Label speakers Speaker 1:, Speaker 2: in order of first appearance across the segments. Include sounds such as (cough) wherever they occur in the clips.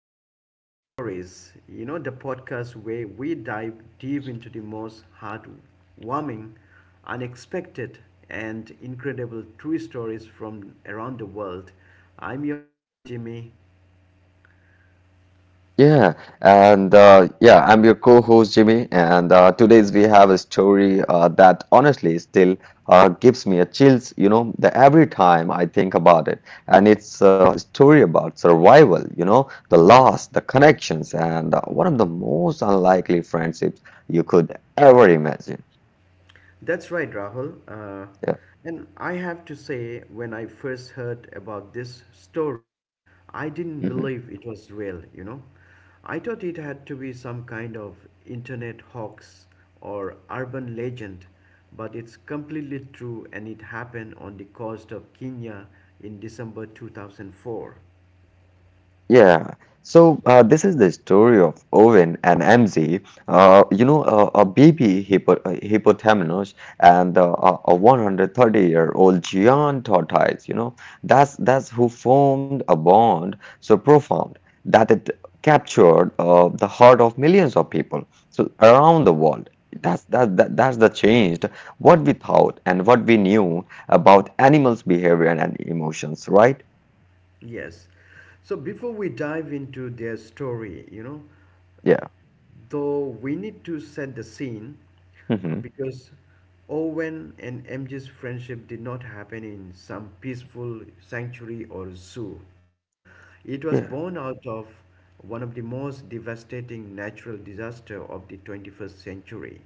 Speaker 1: Extraordinary Stories. The podcast where we dive deep into the most heartwarming, unexpected, and incredible true stories from around the world. I'm your host, Jimmy.
Speaker 2: Yeah, I'm your co-host Jimmy, and today's we have a story that honestly still gives me a chills, you know, the every time I think about it. And it's a story about survival, you know, the loss, the connections, and one of the most unlikely friendships you could ever imagine.
Speaker 1: That's right, Rahul. Uh,
Speaker 2: Yeah.
Speaker 1: and I have to say, when I first heard about this story, I didn't
Speaker 2: Mm-hmm.
Speaker 1: believe it was real. I thought it had to be some kind of internet hoax or urban legend, but it's completely true and it happened on the coast of Kenya in December 2004.
Speaker 2: Yeah. So this is the story of Owen and MZ. A baby hippo hippopotamus and a 130-year-old giant tortoise. You know, that's who formed a bond so profound that it captured the heart of millions of people so around the world. That's that, that that's the changed what we thought and what we knew about animals' behavior and emotions, right?
Speaker 1: Yes. So before we dive into their story,
Speaker 2: Yeah.
Speaker 1: though we need to set the scene
Speaker 2: Hmm.
Speaker 1: because Owen and MJ's friendship did not happen in some peaceful sanctuary or zoo. You know, it was born out of one of the most devastating natural disaster of the 21st century.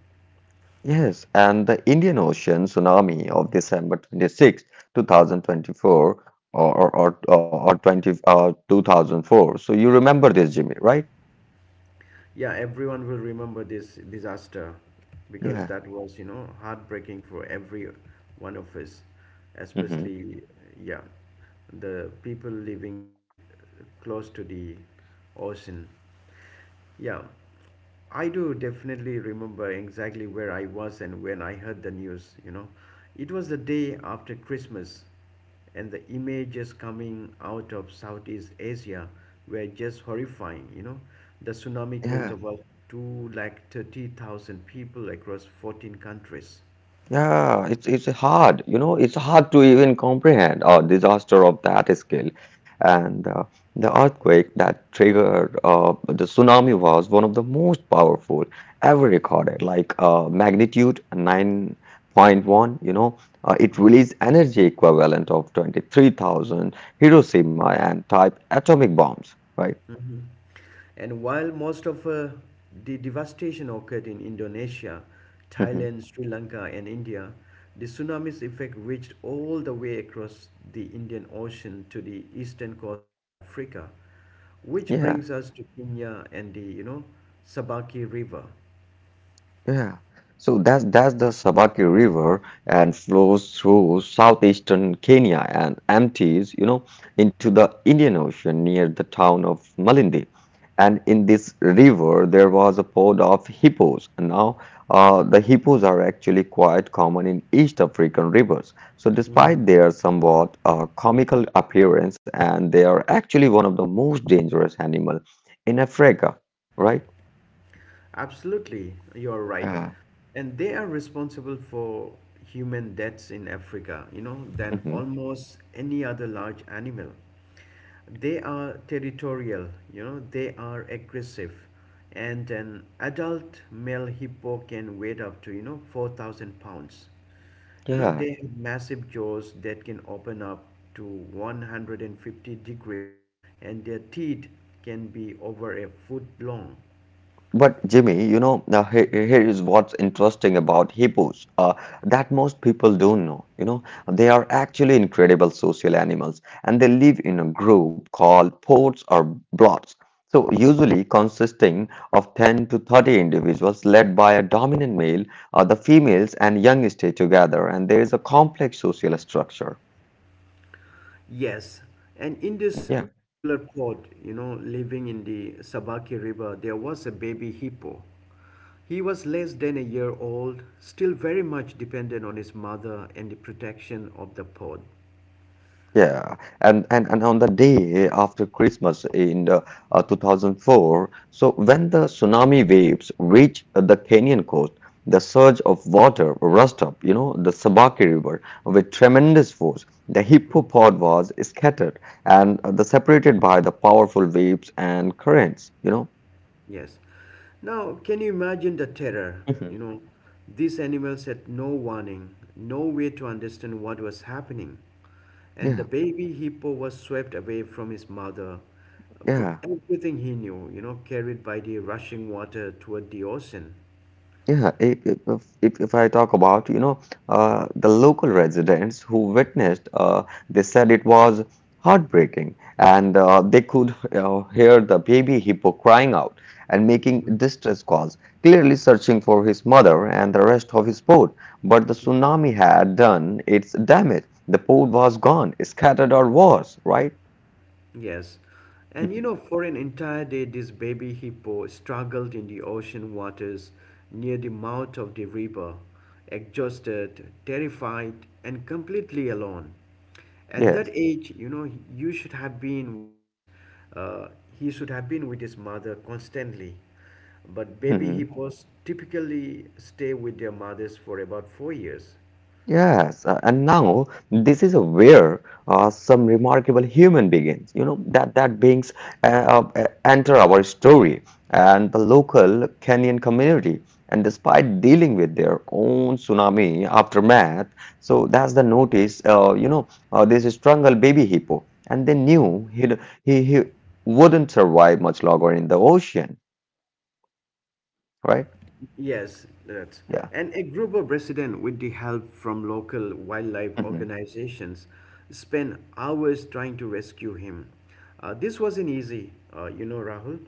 Speaker 2: Yes, and the Indian Ocean tsunami of December 26th, two 2024 or or or, or 20 uh, 2004. So you remember this, Jimmy, right?
Speaker 1: Yeah, everyone will remember this disaster because
Speaker 2: Yeah.
Speaker 1: that was, heartbreaking for every one of us,
Speaker 2: Hmm.
Speaker 1: especially, yeah, the people living close to the ocean. Yeah, I do definitely remember exactly where I was and when I heard the news. It was the day after Christmas and the images coming out of Southeast Asia were just horrifying. The tsunami killed
Speaker 2: Yeah.
Speaker 1: about two like 30,000 people across 14 countries.
Speaker 2: Yeah, it's hard, you know, it's hard to even comprehend a disaster of that scale. And the earthquake that triggered the tsunami was one of the most powerful ever recorded, like magnitude 9.1, you know, it
Speaker 1: Hmm.
Speaker 2: released energy equivalent of 23,000 Hiroshima and type atomic bombs, right?
Speaker 1: Hmm. And while most of the devastation occurred in Indonesia,
Speaker 2: Hmm.
Speaker 1: Thailand, Sri Lanka, and India, the tsunami's effect reached all the way across the Indian Ocean to the eastern coast of Africa, which
Speaker 2: Yeah.
Speaker 1: brings us to Kenya and the Sabaki River.
Speaker 2: Yeah. So that's the Sabaki River and flows through southeastern Kenya and empties, you know, into the Indian Ocean near the town of Malindi. And in this river, there was a pod of hippos. And now, the hippos are actually quite common in East African rivers. So, despite their somewhat comical appearance, and they are actually one of the most dangerous animal in Africa, right?
Speaker 1: Absolutely, you're right.
Speaker 2: Yeah.
Speaker 1: And they are responsible for human deaths in Africa, than
Speaker 2: Mhm.
Speaker 1: almost any other large animal. They are territorial, they are aggressive. And an adult male hippo can weigh up to, 4,000 pounds. You know,
Speaker 2: Yeah,
Speaker 1: they have massive jaws that can open up to 150 degrees, and their teeth can be over a foot long.
Speaker 2: but Jimmy, you know, now here is what's interesting about hippos that most people don't know. You know, they are actually incredible social animals and they live in a group called pods or blots. So, usually consisting of 10 to 30 individuals led by a dominant male, the females and young stay together, and there is a complex social structure.
Speaker 1: Yes, and in this
Speaker 2: Yeah.
Speaker 1: particular pod, living in the Sabaki River, there was a baby hippo. He was less than a year old, still very much dependent on his mother and the protection of the pod.
Speaker 2: Yeah, and on the day after Christmas in 2004, so when the tsunami waves reached the Kenyan coast, the surge of water rushed up, you know, the Sabaki River with tremendous force. The hippopod was scattered and the separated by the powerful waves and currents, you know.
Speaker 1: Yes. Now, can you imagine the terror?
Speaker 2: Mhm.
Speaker 1: These animals had no warning, no way to understand what was happening. And the
Speaker 2: Yeah,
Speaker 1: baby hippo was swept away from his mother, from
Speaker 2: yeah.
Speaker 1: everything he knew, carried by the rushing water toward the ocean.
Speaker 2: Yeah, if I talk about, you know, the local residents who witnessed, they said it was heartbreaking and
Speaker 1: Mhm.
Speaker 2: they could (laughs) hear the baby hippo crying out and making distress calls, clearly searching for his mother and the rest of his boat. But the tsunami had done its damage. The boat was gone, scattered or worse, right?
Speaker 1: Yes. And for an entire day, this baby hippo struggled in the ocean waters near the mouth of the river, exhausted, terrified, and completely alone.
Speaker 2: (laughs)
Speaker 1: At that
Speaker 2: Yes.
Speaker 1: age, you should have been with uh, he should have been with his mother constantly. But baby
Speaker 2: (laughs)
Speaker 1: hippos typically stay with their mothers for about 4 years.
Speaker 2: Yes, and now this is where some remarkable human begins. You know that beings enter our story and the local Kenyan community, and despite dealing with their own tsunami aftermath, so that's the notice. You know this strangled baby hippo, and they knew he wouldn't survive much longer in the ocean, right?
Speaker 1: Yes, that's.
Speaker 2: Yeah.
Speaker 1: And a group of residents, with the help from local wildlife
Speaker 2: Hmm.
Speaker 1: organizations, spent hours trying to rescue him. This wasn't easy, Rahul.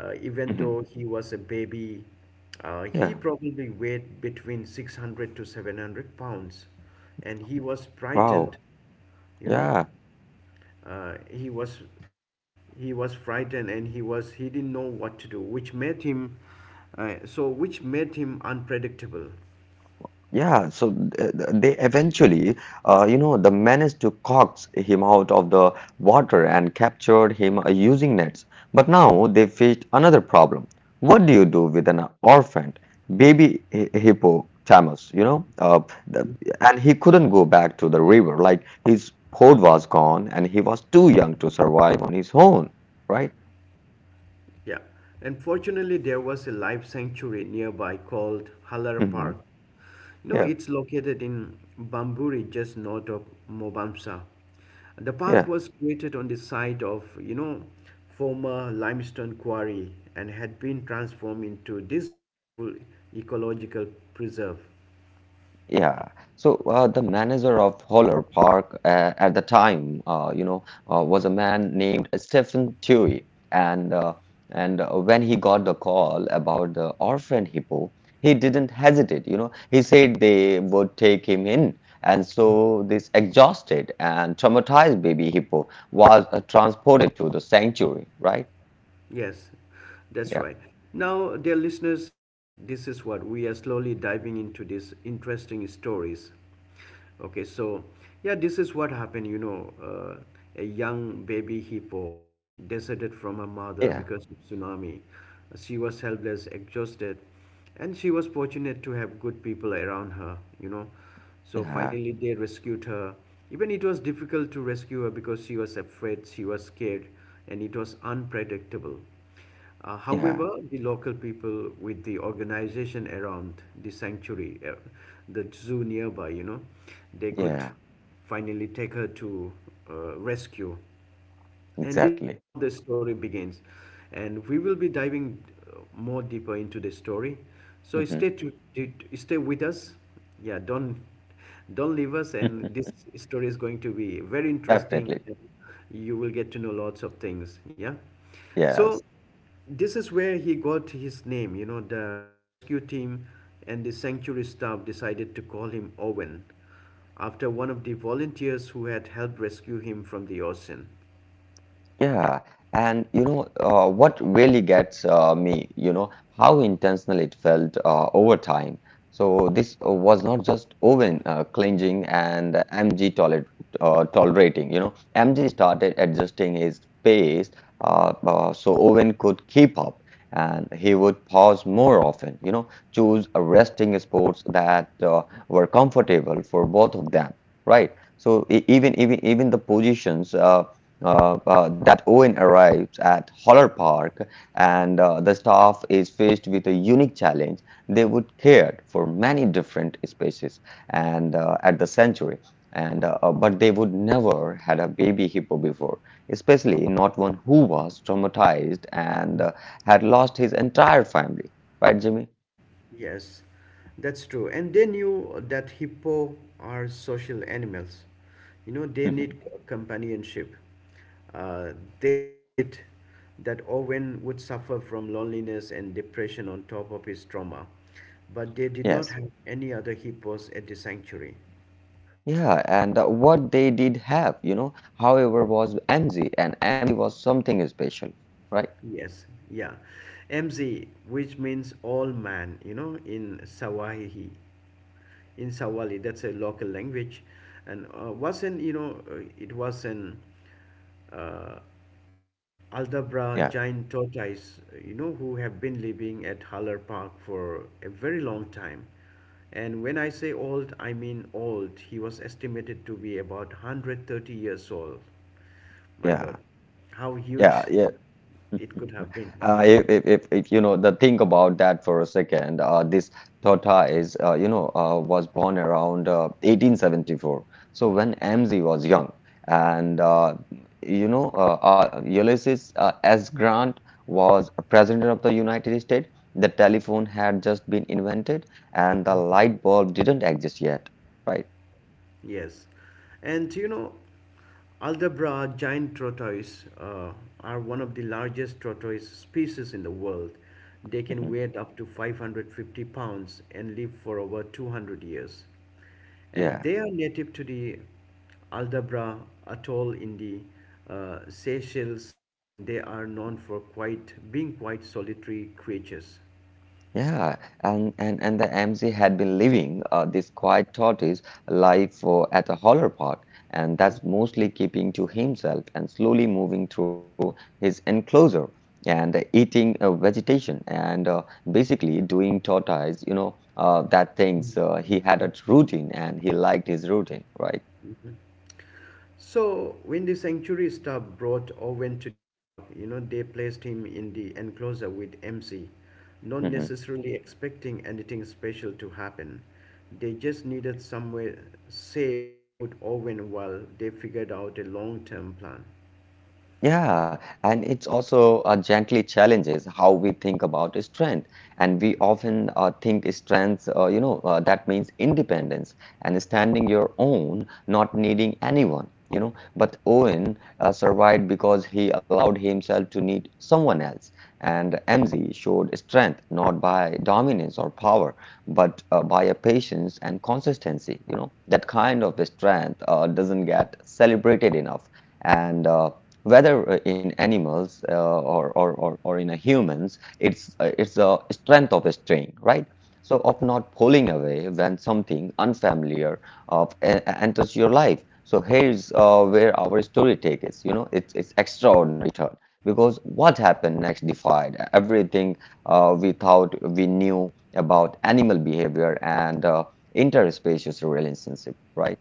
Speaker 1: Even
Speaker 2: Hmm.
Speaker 1: though he was a baby, he
Speaker 2: Yeah.
Speaker 1: probably weighed between 600 to 700 pounds, and he was frightened,
Speaker 2: Wow.
Speaker 1: you know
Speaker 2: Yeah.
Speaker 1: uh, he was he was frightened and he didn't know what to do, which made him unpredictable.
Speaker 2: Yeah, so they eventually, you know, the managed to coax him out of the water and captured him using nets. But now they faced another problem. What do you do with an orphaned baby hippopotamus? You know, the, and he couldn't go back to the river. Like his hoard was gone, and he was too young to survive on his own, right?
Speaker 1: Yeah, and fortunately there was a life sanctuary nearby called Halar
Speaker 2: Hmm.
Speaker 1: Park. You know,
Speaker 2: Yeah,
Speaker 1: it's located in Bamburi, just north of Mobamsa. The park
Speaker 2: yeah.
Speaker 1: was created on the site of, former limestone quarry and had been transformed into this beautiful ecological preserve.
Speaker 2: Yeah. So the manager of Holler Park at the time, was a man named Stephen Tewey, and uh, and when he got the call about the orphan hippo, he didn't hesitate. You know, he said they would take him in, and so this exhausted and traumatized baby hippo was transported to the sanctuary, right?
Speaker 1: Yes, that's
Speaker 2: Yeah.
Speaker 1: right. Now, dear listeners, this is what we are slowly diving into these interesting stories. Okay, so yeah, this is what happened. A young baby hippo deserted from her mother
Speaker 2: Yeah.
Speaker 1: because of tsunami. She was helpless, exhausted, and she was fortunate to have good people around her, so
Speaker 2: Yeah.
Speaker 1: finally they rescued her, even it was difficult to rescue her because she was afraid, she was scared, and it was unpredictable. uh,
Speaker 2: Yeah.
Speaker 1: however, the local people with the organization around the sanctuary, the zoo nearby, they could
Speaker 2: Yeah.
Speaker 1: finally take her to rescue. And this is
Speaker 2: Exactly.
Speaker 1: how the story begins. And we will be diving more deeper into the story. So stay to- stay with us. Yeah, don't leave us.
Speaker 2: (laughs)
Speaker 1: And this story is going to be very interesting.
Speaker 2: Definitely.
Speaker 1: You will get to know lots of things. Yeah. So
Speaker 2: Yes.
Speaker 1: this is where he got his name. The rescue team and the sanctuary staff decided to call him Owen after one of the volunteers who had helped rescue him from the ocean.
Speaker 2: Yeah, and you know what really gets me, you know, how intentional it felt over time. So this was not just Owen clinging and MG toler uh, tolerating. You know, MG started adjusting his pace so Owen could keep up, and he would pause more often. You know, choose a resting sports that were comfortable for both of them, right? So even the positions. That Owen arrives at Holler Park and the staff is faced with a unique challenge. They would care for many different species and at the sanctuary, and but they would never had a baby hippo before, especially not one who was traumatized and
Speaker 1: Mm.
Speaker 2: had lost his entire family. Right, Jimmy?
Speaker 1: Yes, that's true. And they knew that hippo are social animals. They
Speaker 2: Mhm.
Speaker 1: need companionship. Uh, they worried that Owen would suffer from loneliness and depression on top of his trauma, but they did not
Speaker 2: Yes.
Speaker 1: have any other hippos at the sanctuary.
Speaker 2: Yeah, and what they did have, you know, however, was MZ, and MZ was something special, right?
Speaker 1: Yes, yeah. MZ, which means all man, in Sawali, that's a local language. And wasn't, you know, it was an uh, Aldabra
Speaker 2: Yeah.
Speaker 1: giant tortoise, who have been living at Haller Park for a very long time. And when I say old, I mean old. He was estimated to be about 130 years old. My God,
Speaker 2: Yeah,
Speaker 1: how
Speaker 2: yeah,
Speaker 1: huge
Speaker 2: yeah.
Speaker 1: it could have been, right?
Speaker 2: If you know the think about that for a second, this Tota is was born around 1874. So when MZ was young, and you know Ulysses S. Grant was a president of the United States. The telephone had just been invented, and the light bulb didn't exist yet, right?
Speaker 1: Yes, and Aldabra giant tortoise are one of the largest tortoise species in the world. They can
Speaker 2: Hmm.
Speaker 1: weigh up to 550 pounds and live for over 200 years. And
Speaker 2: Yeah.
Speaker 1: they are native to the Aldabra atoll in the Seychelles, and they are known for quite being quite solitary creatures.
Speaker 2: Yeah, and the MC had been living this quiet tortoise life for, at a Holler Park, and that's mostly keeping to himself and slowly moving through his enclosure and eating vegetation and basically doing tortoise, you know, that
Speaker 1: Mm.
Speaker 2: things. He had a routine and he liked his routine, right?
Speaker 1: So, when the sanctuary staff brought Owen to the park, they placed him in the enclosure with MC, not
Speaker 2: Mm-hmm.
Speaker 1: necessarily expecting anything special to happen. They just needed somewhere safe to put Owen while they figured out a long term plan.
Speaker 2: Yeah, and it's also gently challenges how we think about strength. And we often think strength, that means independence and standing your own, not needing anyone, you know. But Owen survived because he allowed himself to need someone else. And MZ showed strength not by dominance or power, but by a patience and consistency, you know. That kind of strength doesn't get celebrated enough. And whether in animals or in a humans, it's a strength of a staying, right? So of not pulling away when something unfamiliar of enters your life. So here's where our story takes us. You know, it's extraordinary turn because what happened next defied everything we thought we knew about animal behavior and interspecies relationship, right?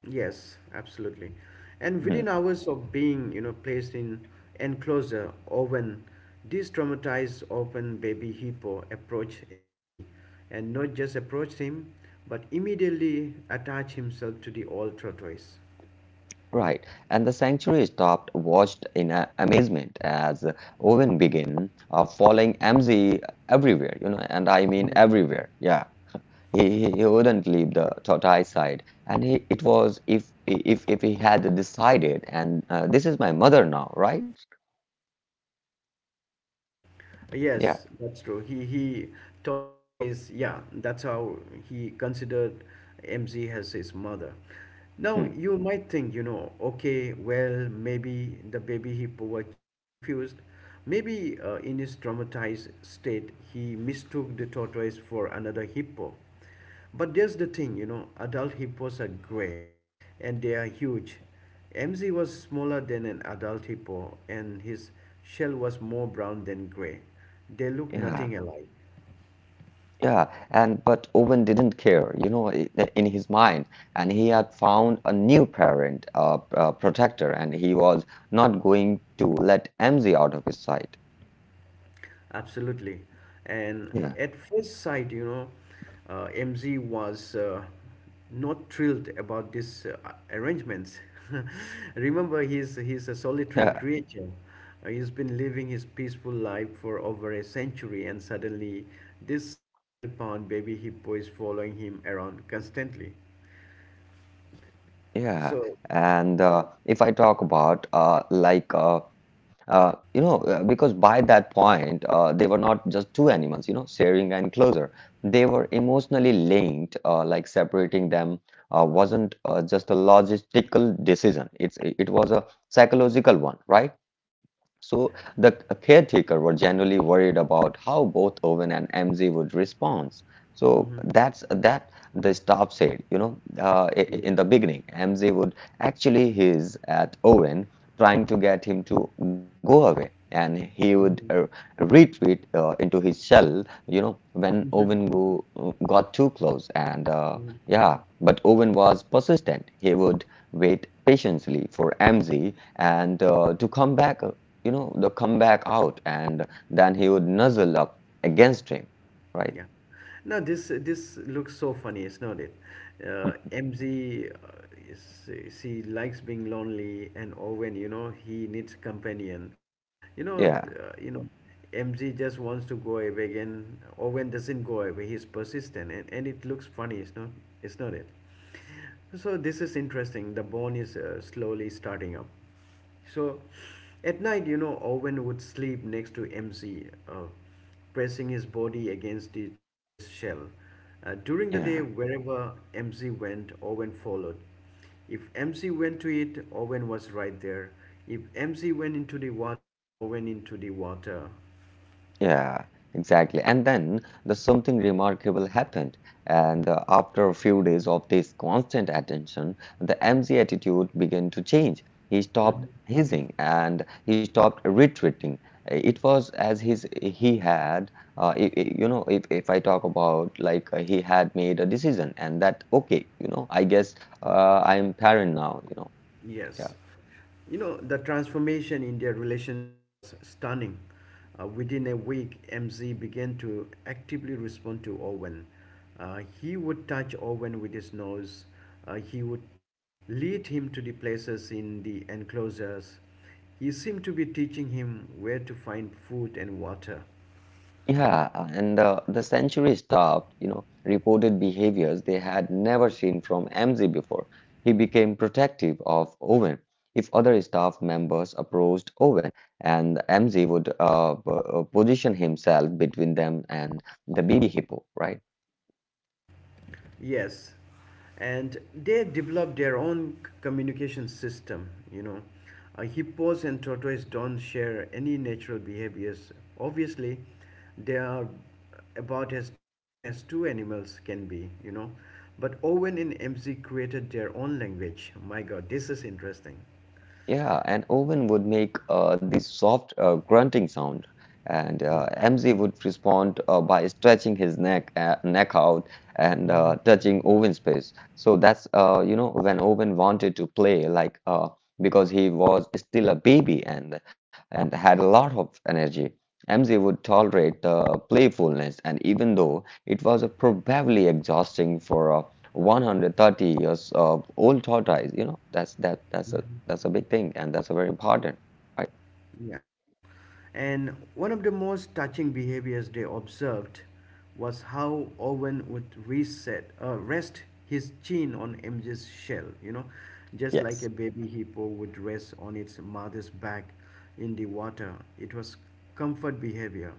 Speaker 1: Yes, absolutely. And within
Speaker 2: Hmm.
Speaker 1: hours of being, placed in enclosure oven, this traumatized open baby hippo approached MZ and not just approached him, but immediately attached himself to the old tortoise.
Speaker 2: Right, and the sanctuary stopped, watched in amazement as Owen began following MZ everywhere, you know, and I mean everywhere. Yeah, he wouldn't leave the tortoise side, and he, it was if he had decided, and this is my mother now, right? Yeah,
Speaker 1: Yes, that's true. He thought that is, yeah. That's how he considered MZ as his mother. Now
Speaker 2: hmm,
Speaker 1: you might think, okay, well maybe the baby hippo was just confused. Maybe in his traumatized state, he mistook the tortoise for another hippo. But there's the thing, adult hippos are gray and they are huge. MZ was smaller than an adult hippo and his shell was more brown than gray. They look
Speaker 2: yeah.
Speaker 1: nothing alike.
Speaker 2: Yeah, and but Owen didn't care, you know, in his mind, and he had found a new parent, a protector, and he was not going to let MZ out of his sight.
Speaker 1: Absolutely. And
Speaker 2: Yeah,
Speaker 1: at first sight, MZ was not thrilled about these arrangements. (laughs) Remember, he's a solitary
Speaker 2: (laughs)
Speaker 1: creature. He's been living his peaceful life for over a century, and suddenly, this 600 pound baby hippo is following him around constantly.
Speaker 2: Yeah,
Speaker 1: So,
Speaker 2: and if I talk about because by that point they were not just two animals, you know, sharing and closer. They were emotionally linked. Like separating them wasn't just a logistical decision. It was a psychological one, right? So the caretaker were generally worried about how both Owen and MZ would respond. So
Speaker 1: mhm,
Speaker 2: that's that the staff said, you know,
Speaker 1: yeah.
Speaker 2: in the beginning, MZ would actually hiss at Owen, trying to get him to go away, and he would
Speaker 1: Mhm,
Speaker 2: retreat into his shell, you know, when Owen got too close. And
Speaker 1: mhm.
Speaker 2: yeah, but Owen was persistent. He would wait patiently for MZ and to come back you know, the comeback out, and then he would nuzzle up against him, right?
Speaker 1: Yeah. No, this looks so funny, isn't it? MZ, is, she likes being lonely, and Owen, he needs companion. You know,
Speaker 2: Yeah,
Speaker 1: uh, you know, MZ just wants to go away, and Owen doesn't go away. He's persistent, and it looks funny, it's not it. So this is interesting. The bone is slowly starting up. So at night, Owen would sleep next to MC, pressing his body against the tortoise shell. During the day,
Speaker 2: yeah.
Speaker 1: wherever MC went, Owen followed. If MC went to it, Owen was right there. If MC went into the water, Owen into the water.
Speaker 2: Yeah, exactly. And then the something remarkable happened. And after a few days of this constant attention, the MZ attitude began to change. He stopped
Speaker 1: Mhm.
Speaker 2: hissing and he stopped retreating. It was as his he had, if I talk about like he had made a decision and that okay, you know, I guess I'm parent now, you know.
Speaker 1: Yes.
Speaker 2: Yeah.
Speaker 1: The transformation in their relationship was stunning. Within a week, MZ began to actively respond to Owen. He would touch Owen with his nose, he would lead him to the places in the enclosures. He seemed to be teaching him where to find food and water.
Speaker 2: Yeah, and the century stopped, you know, reported behaviors they had never seen from MZ before. He became protective of Owen. If other staff members approached Owen, and MZ would position himself between them and the baby hippo, right?
Speaker 1: Yes, and they develop their own communication system. Hippos and tortoises don't share any natural behaviors. Obviously, they are about as different as two animals can be. But Owen and MZ created their own language. My God, this is interesting.
Speaker 2: Yeah, an oven would make this soft grunting sound, and MZ would respond by stretching his neck neck out and
Speaker 1: Mhm.
Speaker 2: touching oven space. So that's when Owen wanted to play because he was still a baby and had a lot of energy. MZ would tolerate the playfulness, and even though it was probably exhausting for a 130 years old tortoise, you know that's a big thing, and that's a very important, right?
Speaker 1: Yeah. And one of the most touching behaviors they observed was how Owen would rest his chin on MJ's shell, just like a
Speaker 2: Yes.
Speaker 1: baby hippo would rest on its mother's back in the water. It was comfort behavior,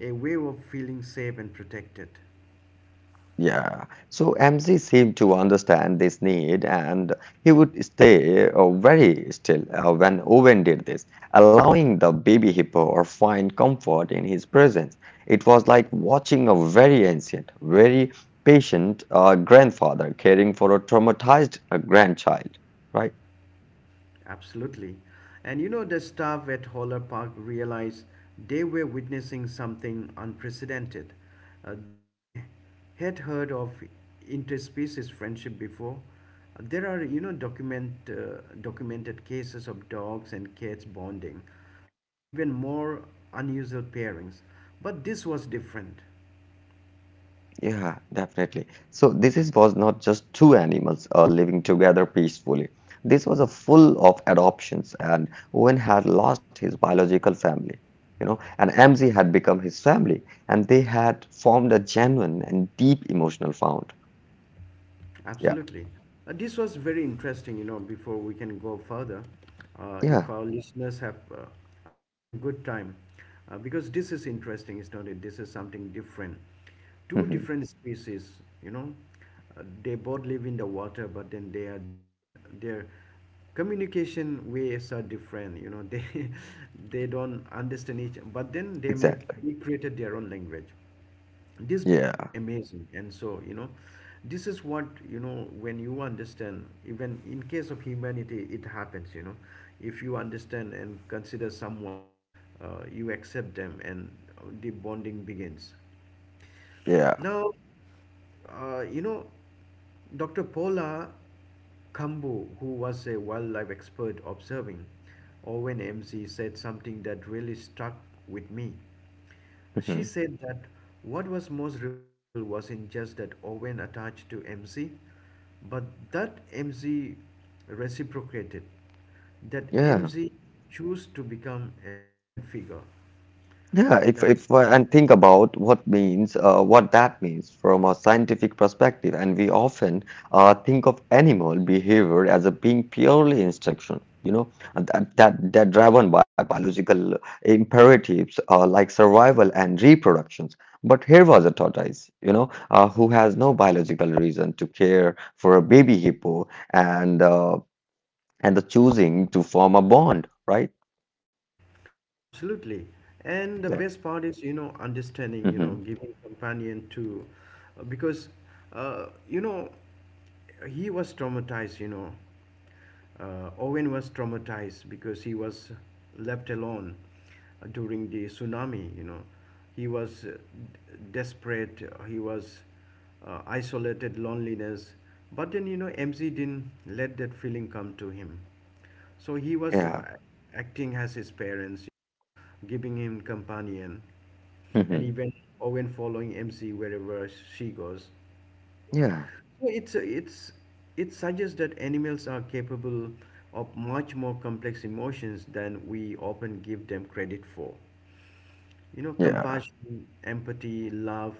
Speaker 1: a way of feeling safe and protected.
Speaker 2: Yeah. So MZ seemed to understand this need, and he would stay very still when Owen did this, allowing the baby hippo or find comfort in his presence. It was like watching a very ancient, very patient grandfather caring for a traumatized grandchild, right?
Speaker 1: Absolutely. And the staff at Holler Park realized they were witnessing something unprecedented. They had heard of interspecies friendship before. There are, documented cases of dogs and cats bonding, or even more unusual pairings. But this was different.
Speaker 2: Yeah, definitely. So was not just two animals living together peacefully. This was a full of adoptions, and Owen had lost his biological family, you know, and Amzi had become his family, and they had formed a genuine and deep emotional bond. Yeah,
Speaker 1: Absolutely. This was very interesting, before we can go further. If
Speaker 2: yeah,
Speaker 1: our listeners have are having good time, because this is interesting, it's not it? This is something different. Two
Speaker 2: hmm,
Speaker 1: different species, they both live in the water, but then they are different. Their communication ways are different, you know. They (laughs) they don't understand each, but then they met.
Speaker 2: exactly.
Speaker 1: They created their own language. This bond is
Speaker 2: Yeah,
Speaker 1: amazing and so this is what you know when you understand even in case of humanity it happens if you understand and consider someone, you accept them and the bonding begins.
Speaker 2: yeah,
Speaker 1: Now, uh, you know, Dr. Paula Kambu, who was a wildlife expert observing Owen MC, said something that really stuck with me. She
Speaker 2: hmm,
Speaker 1: said that what was most remarkable wasn't just that Owen attached to MC, but that MZ reciprocated, that
Speaker 2: yeah.
Speaker 1: MZ chose to become a parent figure.
Speaker 2: Yeah,
Speaker 1: That is
Speaker 2: if and think about what that means from a scientific perspective, and we often think of animal behavior as a being purely instruction, you know, and that driven by biological imperatives like survival and reproductions. But here was a tortoise, you know, who has no biological reason to care for a baby hippo and the choosing to form a bond, right?
Speaker 1: absolutely. And the
Speaker 2: Yeah.
Speaker 1: best part is, understanding,
Speaker 2: Hmm.
Speaker 1: giving companion to, because, uh, you know, he was traumatized, Owen was traumatized because he was left alone during the tsunami, He was desperate, he was isolated, loneliness. But then, MC didn't let that feeling come to him, so he was
Speaker 2: Yeah.
Speaker 1: acting as his parents, giving him companion, and
Speaker 2: Hmm.
Speaker 1: even Owen following MC wherever she goes.
Speaker 2: Yeah.
Speaker 1: So it's it suggests that animals are capable of much more complex emotions than we often give them credit for. You know,
Speaker 2: Yeah.
Speaker 1: compassion, empathy, love,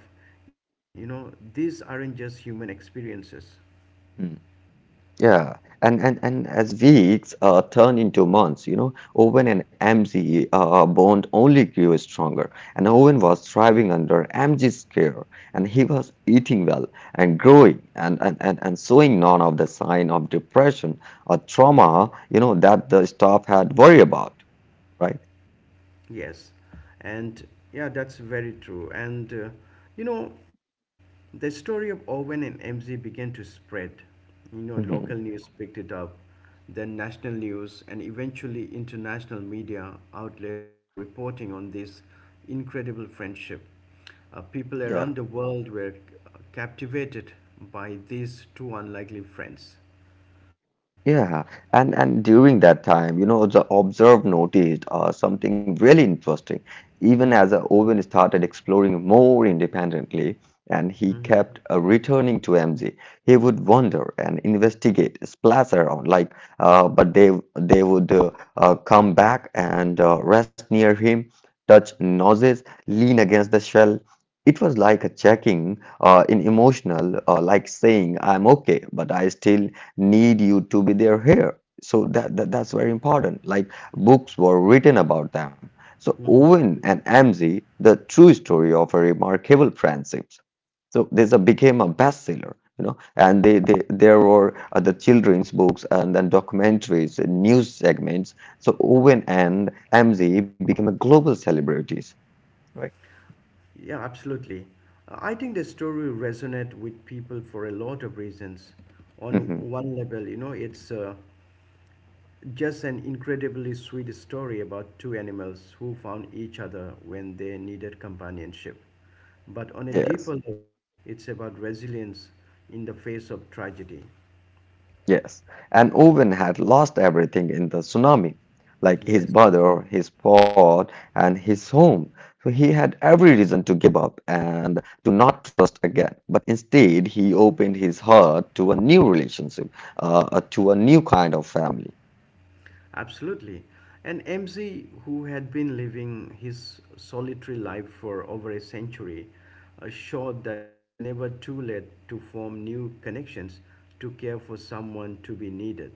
Speaker 1: even these aren't just human experiences.
Speaker 2: Hmm. Yeah. And as weeks turn into months, you know, Owen and MZ bond only grew stronger. And Owen was thriving under MG's care, and he was eating well and growing and showing none of the sign of depression or trauma, you know, that the staff had worry about, right?
Speaker 1: Yes, and yeah, that's very true. And you know, the story of Owen and MZ began to spread. You know, local
Speaker 2: Mhm.
Speaker 1: news picked it up, then national news, and eventually international media outlets were reporting on this incredible friendship. People around the world were captivated by these two unlikely friends.
Speaker 2: Yeah, and during that time, you know, the observe noticed something really interesting. Even as Owen started exploring more independently, and he kept returning to MZ, he would wander and investigate, splash around, like, but they would come back and rest near him, touch noses, lean against the shell. It was like a checking in emotional, like saying, "I'm okay, but I still need you to be there here. So that's very important. Like books were written about them. So Owen and Amzie, the true story of a remarkable friendship. So this became a bestseller, you know, and they there were the children's books and then documentaries, and news segments. So Owen and Amzie became a global celebrities.
Speaker 1: Yeah, absolutely. I think the story resonate with people for a lot of reasons. On one level, you know, it's just an incredibly sweet story about two animals who found each other when they needed companionship. But on
Speaker 2: (laughs)
Speaker 1: a
Speaker 2: Yes.
Speaker 1: deeper level, it's about resilience in the face of tragedy.
Speaker 2: Yes, and Owen had lost everything in the tsunami, like his
Speaker 1: Yes.
Speaker 2: brother, his pod, and his home. So he had every reason to give up and to not trust again. But instead, he opened his heart to a new relationship, to a new kind of family.
Speaker 1: Absolutely. And MZ, who had been living his solitary life for over a century, showed that it's never too late to form new connections, to care for someone, to be needed.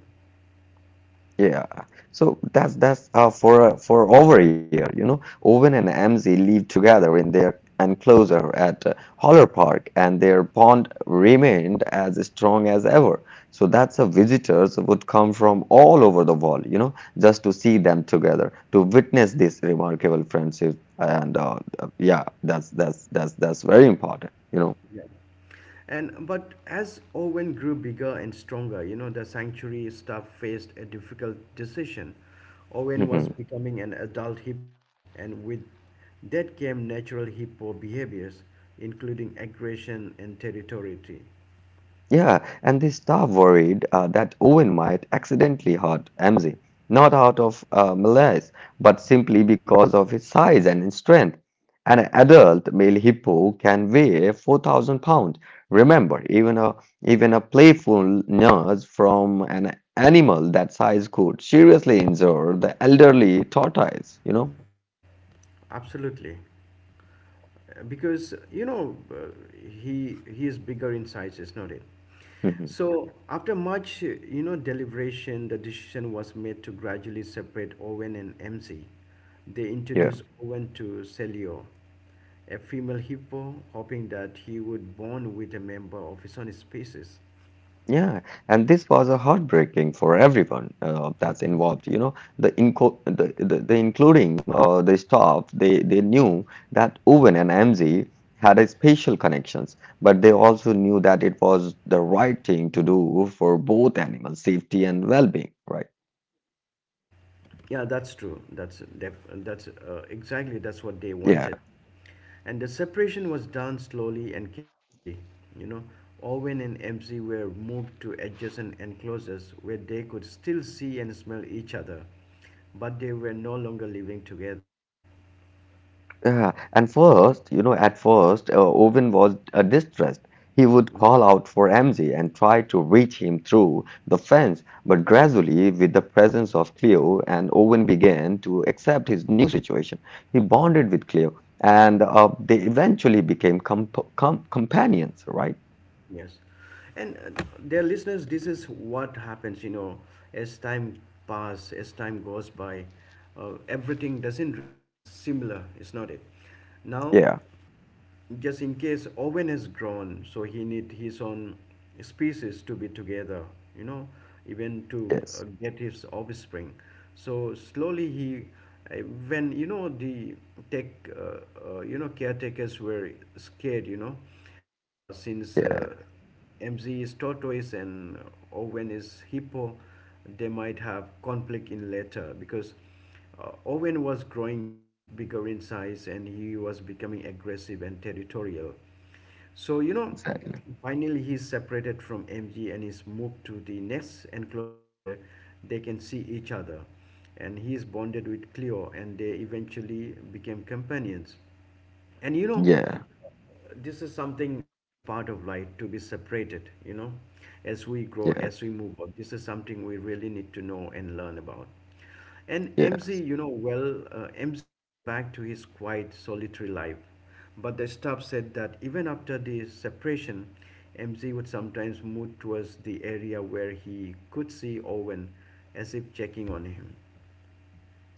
Speaker 2: Yeah, so that's for over a year, you know, Owen and Amzi lived together in their enclosure at Holler Park, and their bond remained as strong as ever. So that's a visitors would come from all over the world, you know, just to see them together, to witness this remarkable friendship, and yeah, that's very important, you know.
Speaker 1: Yeah. And but as Owen grew bigger and stronger, you know, the sanctuary staff faced a difficult decision. Owen was
Speaker 2: (laughs)
Speaker 1: becoming an adult hippo, and with that came natural hippo behaviors, including aggression and territoriality.
Speaker 2: Yeah, and the staff worried that Owen might accidentally hurt MZ, not out of malice, but simply because of his size and strength. An adult male hippo can weigh 4,000 pounds. Remember, even a playful nurse from an animal that size could seriously injure the elderly tortoise, you know?
Speaker 1: Absolutely. Because he is bigger in size, is not it?
Speaker 2: Mhm.
Speaker 1: So after much deliberation, the decision was made to gradually separate Owen and MC. They
Speaker 2: Yeah.
Speaker 1: introduced Owen to Celio, a female hippo, hoping that he would bond with a member of his own species.
Speaker 2: Yeah, and this was a heartbreaking for everyone that's involved. You know, the inco the including the staff, they knew that Owen and MZ had a special connections, but they also knew that it was the right thing to do for both animal safety and well-being, right?
Speaker 1: Yeah, that's true. That's def that's exactly that's what they
Speaker 2: Yeah.
Speaker 1: wanted. And the separation was done slowly and carefully. You know, Owen and MC were moved to adjacent enclosures where they could still see and smell each other, but they were no longer living together.
Speaker 2: Yeah, and first, you know, at first, Owen was distressed. He would
Speaker 1: Mhm.
Speaker 2: call out for MZ and try to reach him through the fence, but gradually, with the presence of Cleo, and Owen began to accept his new situation. He bonded with Cleo, and they eventually became companions, right?
Speaker 1: Yes. And dear listeners, this is what happens, you know, as time pass, as time goes by, everything doesn't remain similar, is not it? Now,
Speaker 2: Yeah,
Speaker 1: just in case Owen has grown, so he need his own species to be together, you know, even to
Speaker 2: yes,
Speaker 1: get his offspring. So slowly he, uh, when you know the tech, uh, you know caretakers were scared, you know, since
Speaker 2: yeah,
Speaker 1: MZ is tortoise and Owen is hippo, they might have conflict in later because Owen was growing in bigger in size and he was becoming aggressive and territorial. So, you know,
Speaker 2: exactly.
Speaker 1: finally he's separated from MG and is moved to the next enclosure where they can see each other. And he is bonded with Cleo and they eventually became companions. And,
Speaker 2: Yeah,
Speaker 1: this is something that's part of life to be separated, you know, as we grow,
Speaker 2: yeah,
Speaker 1: as we move on. This is something we really need to know and learn about. And
Speaker 2: yeah.
Speaker 1: MZ, MZ went back to his quiet solitary life, but the staff said that even after the separation, MZ would sometimes move towards the area where he could see Owen, as if checking on him.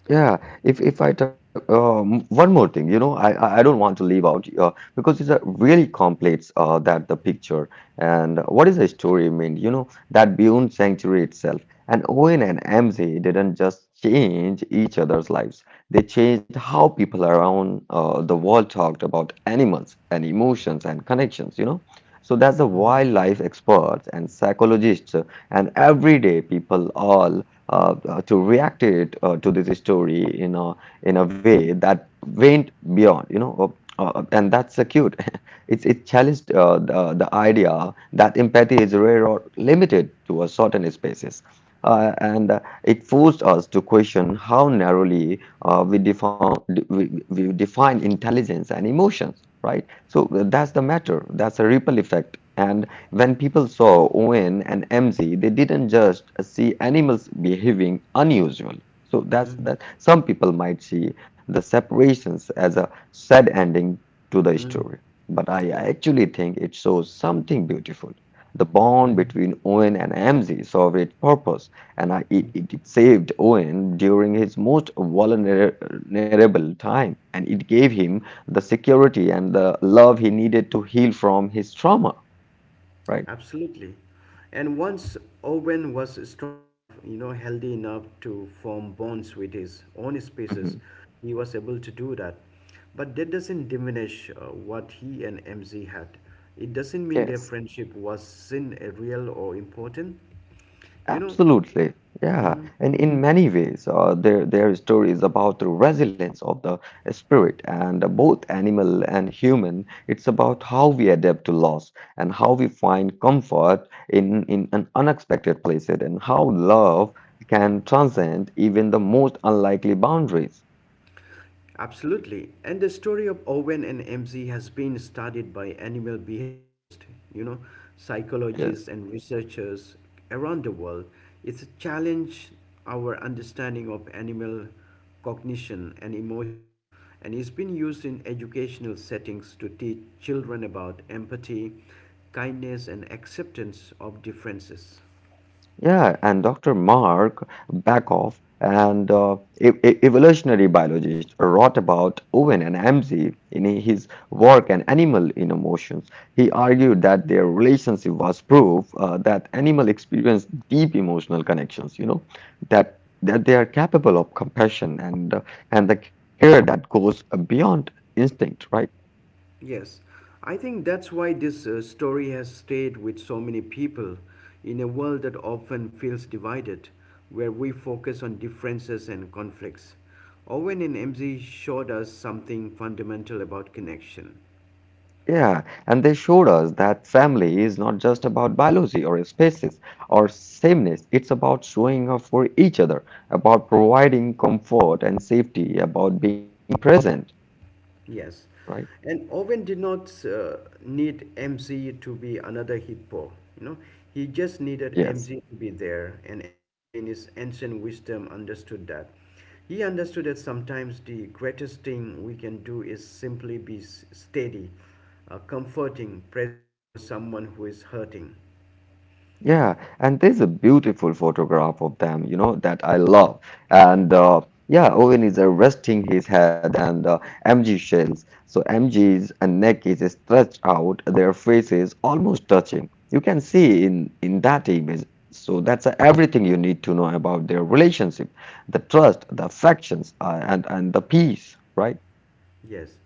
Speaker 2: Yeah, if I talk one more thing, you know, I don't want to leave out because it's a really complex that the picture and what is the story mean? You know, that beyond sanctuary itself, and Owen and MZ didn't just change each other's lives; they changed how people around the world talked about animals and emotions and connections. You know, so that's the
Speaker 1: Mm-hmm.
Speaker 2: wildlife experts and psychologists and everyday people all to react it to this story in a way that went beyond, you know, and that's cute. (laughs) It's it challenged the idea that empathy is rare or limited to a certain spaces. And It forced us to question how narrowly we define intelligence and emotions, right? So that's the matter. That's a ripple effect, and when people saw Owen and MZ, they didn't just see animals behaving unusually. So that's
Speaker 1: Mm-hmm.
Speaker 2: that. Some people might see the separations as a sad ending to the
Speaker 1: Mm-hmm.
Speaker 2: story, but I
Speaker 1: Yes.
Speaker 2: actually think it shows something beautiful. The bond
Speaker 1: Mm-hmm.
Speaker 2: between Owen and MZ served its purpose, and it saved Owen during his most vulnerable time, and it gave him the security and the love he needed to heal from his trauma, right?
Speaker 1: Absolutely. And once Owen was strong enough, you know, healthy enough to form bonds with his own species,
Speaker 2: Mhm.
Speaker 1: he was able to do that. But that doesn't diminish what he and MZ had. It doesn't mean their
Speaker 2: Yes,
Speaker 1: friendship wasn't real or important. You know,
Speaker 2: absolutely. Yeah,
Speaker 1: mm-hmm.
Speaker 2: and in many ways, their stories about the resilience of the spirit and both animal and human. It's about how we adapt to loss and how we find comfort in an unexpected places and how love can transcend even the most unlikely boundaries.
Speaker 1: Absolutely. And the story of Owen and MZ has been studied by animal behaviorists, you know, psychologists
Speaker 2: Yes.
Speaker 1: and researchers around the world. It's challenged our understanding of animal cognition and emotion, and it's been used in educational settings to teach children about empathy, kindness and acceptance of differences.
Speaker 2: Yeah, and Dr. Mark Bakoff and evolutionary biologist wrote about Owen and MZ in his work on animal in emotions. He argued that their relationship was proof that animal experience deep emotional connections, you know, that they are capable of compassion and the care that goes beyond instinct, right?
Speaker 1: Yes, I think that's why this story has stayed with so many people in a world that often feels divided, where we focus on differences and conflicts. Owen and MZ showed us something fundamental about connection.
Speaker 2: Yeah, and they showed us that family is not just about biology or species or sameness. It's about showing up for each other, about providing comfort and safety, about being present,
Speaker 1: Yes.
Speaker 2: right?
Speaker 1: And Owen did not need MZ to be another hippo. You know, he just needed
Speaker 2: Yes.
Speaker 1: MZ to be there, and MZ in his ancient wisdom understood that. He understood that sometimes the greatest thing we can do is simply be steady, comforting presence for someone who is hurting.
Speaker 2: Yeah, and there's a beautiful photograph of them, you know, that I love. And Yeah, Owen is resting his head, and MG shells. So MG's and neck is stretched out, their faces almost touching. You can see in that image. So that's everything you need to know about their relationship, the trust, the affections, and the peace, right?
Speaker 1: Yes.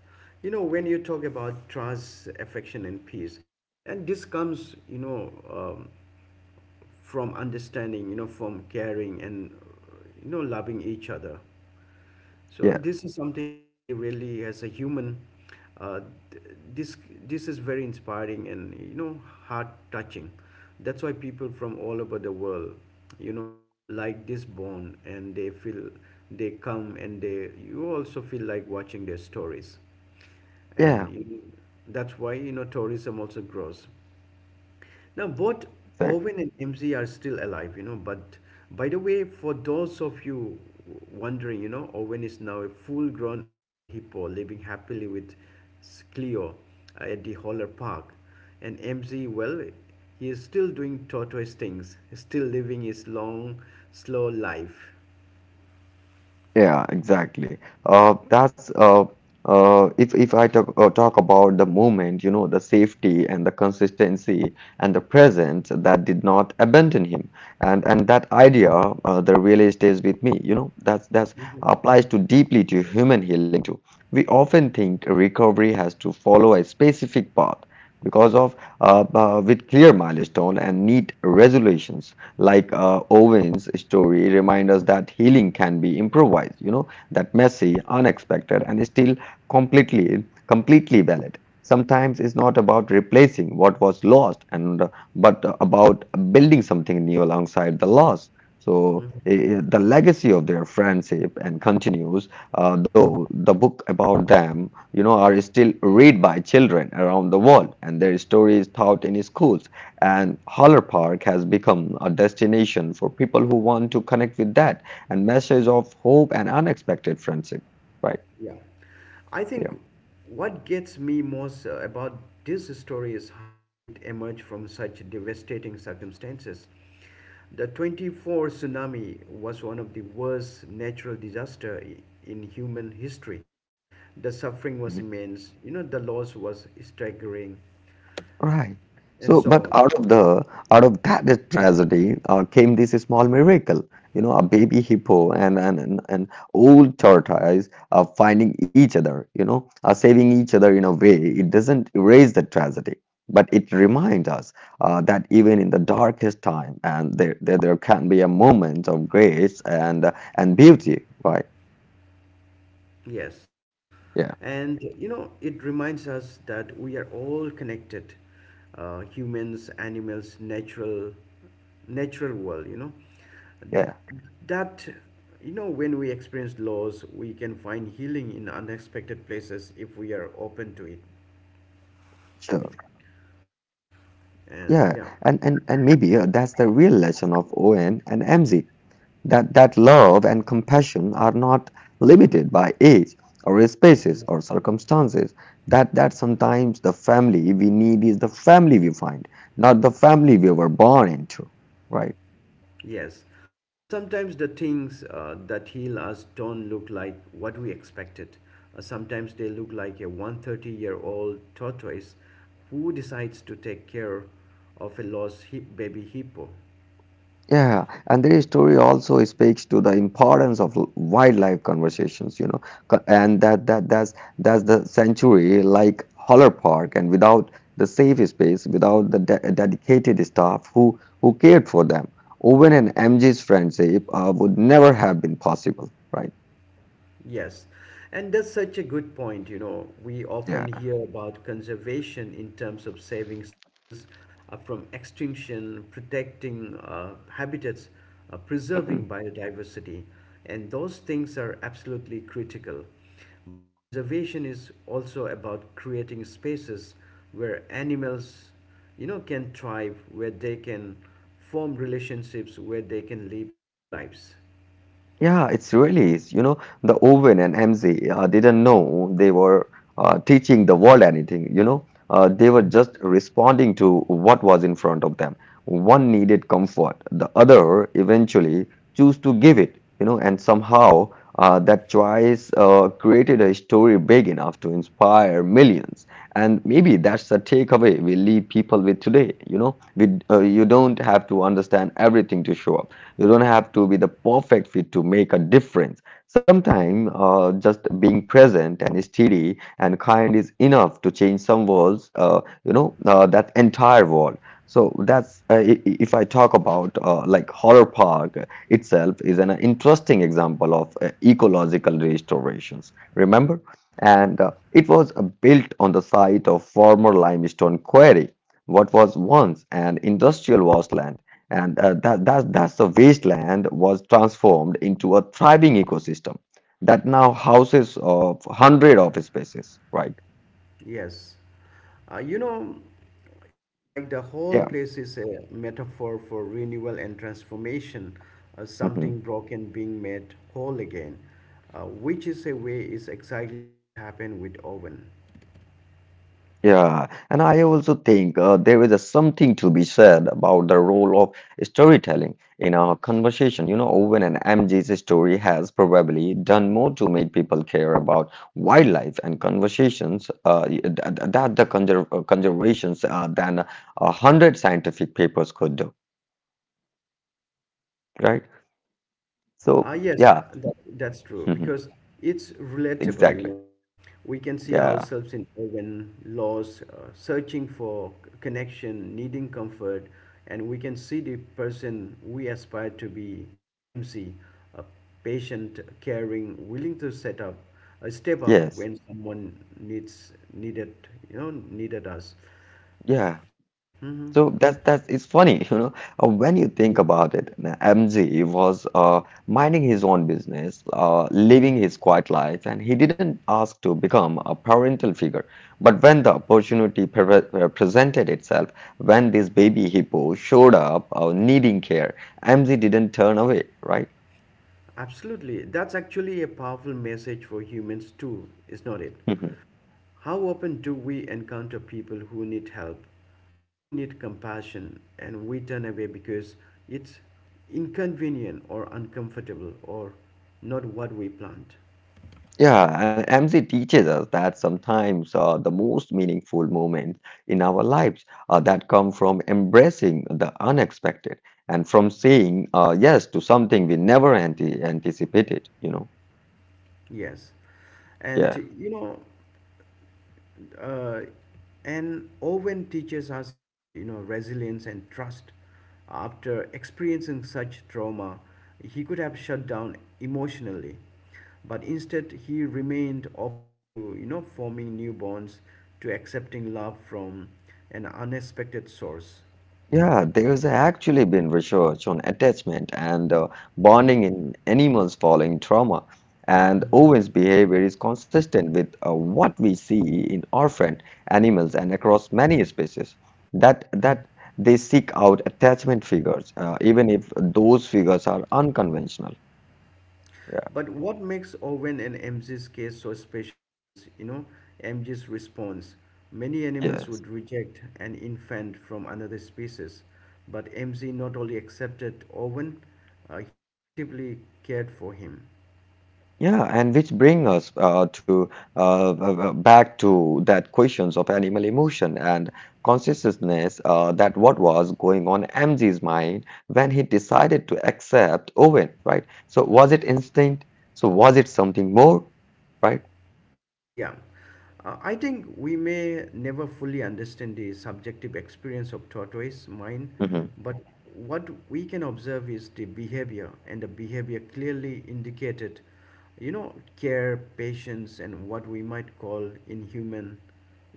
Speaker 1: You know, when you talk about trust, affection, and peace, and this comes, from understanding, from caring and, loving each other. So
Speaker 2: Yeah,
Speaker 1: this is something we really, as a human, uh, th- this this is very inspiring and you know heart touching. That's why people from all over the world, you know like this bond and they feel they come and they you also feel like watching their stories and
Speaker 2: yeah,
Speaker 1: you, that's why you know tourism also grows. Now, both
Speaker 2: exactly.
Speaker 1: Owen and MZ are still alive, you know. But by the way, for those of you wondering, you know, Owen is now a full grown adult hippo living happily with Cleo at the Holler Park. And MZ, well, he is still doing tortoise things, still living his long, slow life.
Speaker 2: Yeah, exactly. That's if I talk about the movement, you know, the safety and the consistency and the presence that did not abandon him, and that idea that really stays with me. You know, that's applies to deeply to human healing too. We often think recovery has to follow a specific path because of with clear milestone and neat resolutions like Owen's story, remind us that healing can be improvised, you know, that messy, unexpected, and still completely valid. Sometimes it's not about replacing what was lost, and but about building something new alongside the loss. So
Speaker 1: Mm-hmm.
Speaker 2: the legacy of their friendship and continues, though the book about them, you know, are still read by children around the world, and their story is taught in schools, and Holler Park has become a destination for people who want to connect with that and message of hope and unexpected friendship. Right.
Speaker 1: Yeah. I
Speaker 2: Yeah.
Speaker 1: think what gets me most about this story is how it emerged from such devastating circumstances. The 24 tsunami was one of the worst natural in human history. The suffering was immense, you know, the loss was staggering
Speaker 2: Right.
Speaker 1: and
Speaker 2: So,
Speaker 1: so
Speaker 2: but
Speaker 1: on.
Speaker 2: out of that tragedy came this small miracle. You know, a baby hippo and old tortoise are finding each other. You know, are saving each other in a way. It doesn't erase the tragedy, but it reminds us that even in the darkest time, and there can be a moment of grace and beauty. Right?
Speaker 1: Yes.
Speaker 2: Yeah.
Speaker 1: And you know, it reminds us that we are all connected, humans, animals, natural world. You know,
Speaker 2: Yeah.
Speaker 1: that you know when we experience loss, we can find healing in unexpected places if we are open to
Speaker 2: Sure.
Speaker 1: it.
Speaker 2: Yeah, and
Speaker 1: And
Speaker 2: and
Speaker 1: yeah,
Speaker 2: and maybe uh, that's the real lesson of Owen and MZ, that love and compassion are not limited by age or spaces
Speaker 1: mm.
Speaker 2: or circumstances, that sometimes the family we need is the family we find, not the family we were born into, right?
Speaker 1: Yes. Sometimes the things that heal us don't look like what we expected. Sometimes they look like a 130-year-old year old tortoise who decides to take care of a baby hippo.
Speaker 2: Yeah, and their story also speaks to the importance of wildlife conversations, you know, co- and that that that's the sanctuary like Holler Park, and without the safe space, without the de dedicated staff who cared for them, Owen and MG's friendship would never have been possible, right?
Speaker 1: Yes, and that's such a good point. You know, we
Speaker 2: Yeah.
Speaker 1: often hear about conservation in terms of saving species from extinction, protecting habitats, preserving biodiversity, and those things are absolutely critical. But conservation is also about creating spaces where animals, you know, can thrive, where they can form relationships, where they can live full lives.
Speaker 2: Yeah, it's really is. You know, the Owen and MZ didn't know they were teaching the world anything. They were just responding to what was in front of them. One needed comfort, the other eventually chose to give it. And somehow that choice created a story big enough to inspire millions. And maybe that's the takeaway we leave people with today. You know, we You don't have to understand everything to show up. You don't have to be the perfect fit to make a difference. Sometimes just being present and steady and kind is enough to change some worlds, that entire world. So that's uh, i- if I talk about like Horror Park itself is an interesting example of ecological restorations. Remember, and it was built on the site of former limestone quarry, what was once an industrial wasteland and that, that, that's the wasteland was transformed into a thriving ecosystem that now houses of hundred of species, right?
Speaker 1: Yes. You know, it's like the whole
Speaker 2: Yeah.
Speaker 1: place is a metaphor for renewal and transformation, something
Speaker 2: Mhm.
Speaker 1: broken being made whole again, which is a way is exactly what happened with Owen.
Speaker 2: Yeah, and I also think there is a something to be said about the role of storytelling in our conversation. You know, Owen and M mg's story has probably done more to make people care about wildlife and conversations, conservations, than 100 scientific papers could do, right? So
Speaker 1: Ah, yes,
Speaker 2: yeah,
Speaker 1: that, that's
Speaker 2: (laughs)
Speaker 1: true
Speaker 2: mhm,
Speaker 1: because it's relatable, you
Speaker 2: exactly.
Speaker 1: know. We can see
Speaker 2: Yeah,
Speaker 1: ourselves in urban laws, connection, needing comfort, and we can see the person we aspire to be in MC, a patient, caring, willing to a step up
Speaker 2: yes,
Speaker 1: when someone needs needed, you know, needed us.
Speaker 2: yeah.
Speaker 1: Hmm.
Speaker 2: So that's it's funny, (laughs) when you think about it. MJ was minding his own business, living his quiet life, and he didn't ask to become a parental figure. But when the opportunity presented itself, when this baby hippo showed up, needing care, MJ didn't turn away, right?
Speaker 1: Absolutely, that's actually a powerful message for humans too, is not it?
Speaker 2: (laughs)
Speaker 1: How often do we encounter people who need help, who need compassion, and we turn away because it's inconvenient or uncomfortable or not what we planned?
Speaker 2: Yeah, and MZ teaches us that sometimes the most meaningful moments in our lives that come from embracing the unexpected and from saying yes to something we never anticipated, you know.
Speaker 1: Yes.
Speaker 2: Yeah.
Speaker 1: And uh, and Owen teaches us about you know resilience and trust. After experiencing such trauma, he could have shut down emotionally, but instead he remained open to you know forming new bonds, to accepting love from an unexpected source.
Speaker 2: Yeah, there's actually been research on attachment and bonding in animals following trauma. And
Speaker 1: Mm-hmm.
Speaker 2: Owen's behavior is consistent with what we see in orphan animals and across many species, that
Speaker 1: Mm-hmm.
Speaker 2: that they seek out attachment figures, even if those figures are unconventional. Yeah.
Speaker 1: But what makes Owen and MG's case so special is, you know, MG's response. Many animals
Speaker 2: Yes.
Speaker 1: would reject an infant from another species, but MG not only accepted Owen, he actively cared for him.
Speaker 2: Yeah, and which bring us to back to that questions of animal emotion and consciousness, that what was going on MG's mind when he decided to accept Owen, right? So was it instinct? So was it something more, right?
Speaker 1: Yeah, I think we may never fully understand the subjective experience of tortoise mind,
Speaker 2: Mhm.
Speaker 1: but what we can observe is the behavior, and the behavior clearly indicated, you know, care, patience, and what we might call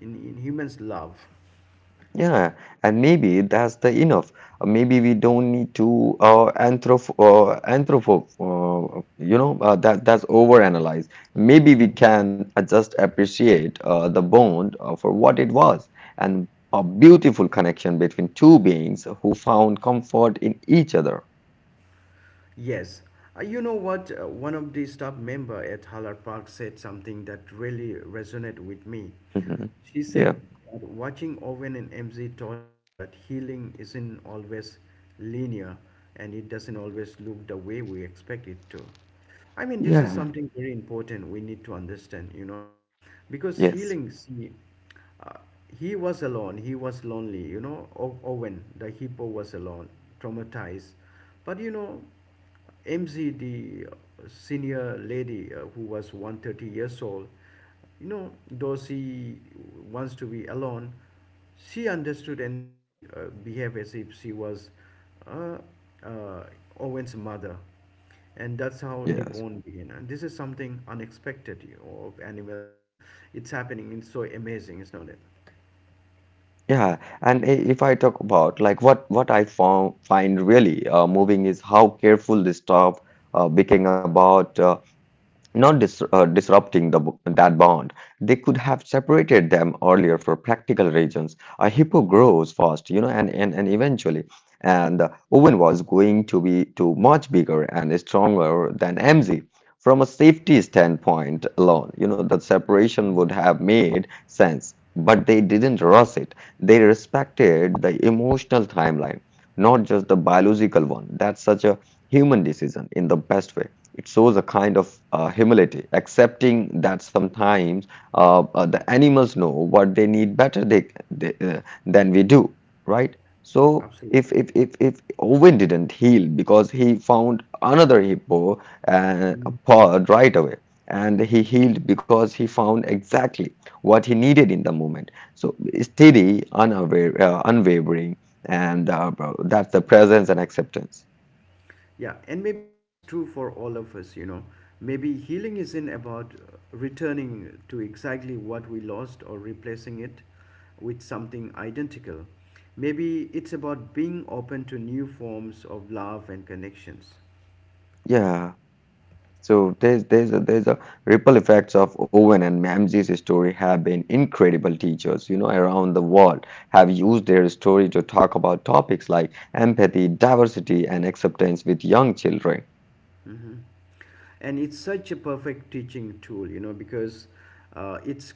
Speaker 1: in humans, love.
Speaker 2: Yeah, and maybe that's the enough. Maybe we don't need to anthropo, you know, that's
Speaker 1: Yes, I see.
Speaker 2: overanalyzed. Maybe we
Speaker 1: Mhm.
Speaker 2: can just appreciate the bond for what it was and a beautiful connection between two beings who found comfort in each other. (laughs)
Speaker 1: Yes. You know what? One of the staff member at Haller Park said something that really resonated with me.
Speaker 2: Mhm.
Speaker 1: She
Speaker 2: Yeah.
Speaker 1: said that watching Owen and MZ taught her that healing isn't always linear, and it doesn't always look the way we expect it to. I mean, this is
Speaker 2: Yeah.
Speaker 1: something very important we need to understand, you know, because
Speaker 2: Yes.
Speaker 1: healing, see, uh, he was alone. He was lonely. You know, Owen, the hippo, was alone, traumatized. But you know, MZ, the senior lady who was 130 years old, you know, though she wants to be alone, she understood, and she behaved as if she was uh, uh, Owen's mother. And that's how the
Speaker 2: Yes.
Speaker 1: bond began, and this is something unexpected, you know, of animals, and it's happening. It's so amazing, is not it?
Speaker 2: If I talk about like what I found find really moving is how careful this stuff became about. Not dis Disrupting the, that bond. They could have separated them earlier for practical reasons. A hippo grows fast, you know, and eventually, and Owen was going to be to much bigger and stronger than MZ. From a safety standpoint alone, you know, the separation
Speaker 1: Mm,
Speaker 2: would have made sense, but they didn't rush it. They respected the emotional timeline, not just the biological one. That's such a human decision in the best way. It shows a kind of humility, accepting that sometimes the animals know what they need better than we do, right? So
Speaker 1: absolutely.
Speaker 2: if Owen didn't heal because he found another hippo uh,
Speaker 1: Mm.
Speaker 2: pod right away, and he healed because he found exactly what he needed in the moment. So steady, unaware, unwavering, and that's the presence and acceptance.
Speaker 1: Yeah, and maybe that's true for all of us, you know. Maybe healing isn't about returning to exactly what we lost or replacing it with something identical. Maybe it's about being open to new forms of love and connections.
Speaker 2: Yeah. So there's a ripple effects of Owen and Mamsie's story have been incredible teachers, you know, around the world have used their story to talk about topics like empathy, diversity, and acceptance with young children.
Speaker 1: Hmm. And it's such a perfect teaching tool, you know, because it's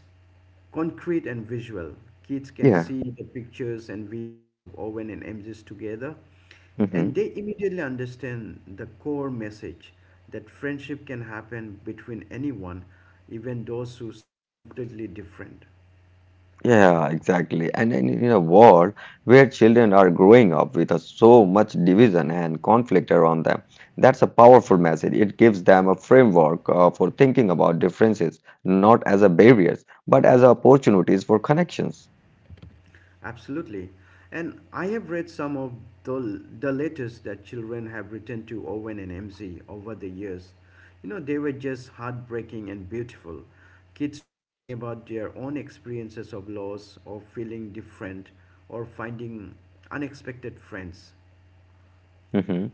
Speaker 1: concrete and visual. Kids can
Speaker 2: Yeah.
Speaker 1: see the pictures and videos of Owen and MGs together, and
Speaker 2: Mhm.
Speaker 1: they immediately understand the core message that friendship can happen between anyone, even those who seem completely different.
Speaker 2: Yeah, exactly. And in a world where children are growing up with so much division and conflict around them, that's a powerful message. It gives them a framework for thinking about differences, not as a barriers, but as opportunities for connections.
Speaker 1: Absolutely. And I have read some of the letters that children have written to Owen and MZ over the years. You know, they were just heartbreaking and beautiful. Kids writing about their own experiences of loss, or feeling different, or finding unexpected friends.
Speaker 2: Hmm.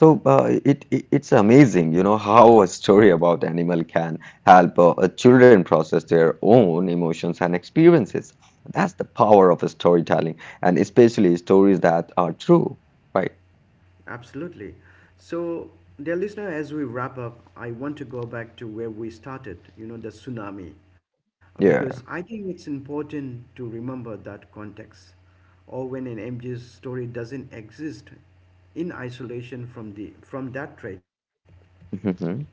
Speaker 2: So it's amazing, you know, how a story about animal can help children process their own emotions and experiences. That's the power of storytelling, and especially stories that are true, right?
Speaker 1: Absolutely. So, dear listener, as we wrap up, I want to go back to where we started, you know, the tsunami. Because I think it's important to remember that context. Or when an MG's story doesn't exist in isolation from that tragedy.
Speaker 2: Yeah. (laughs)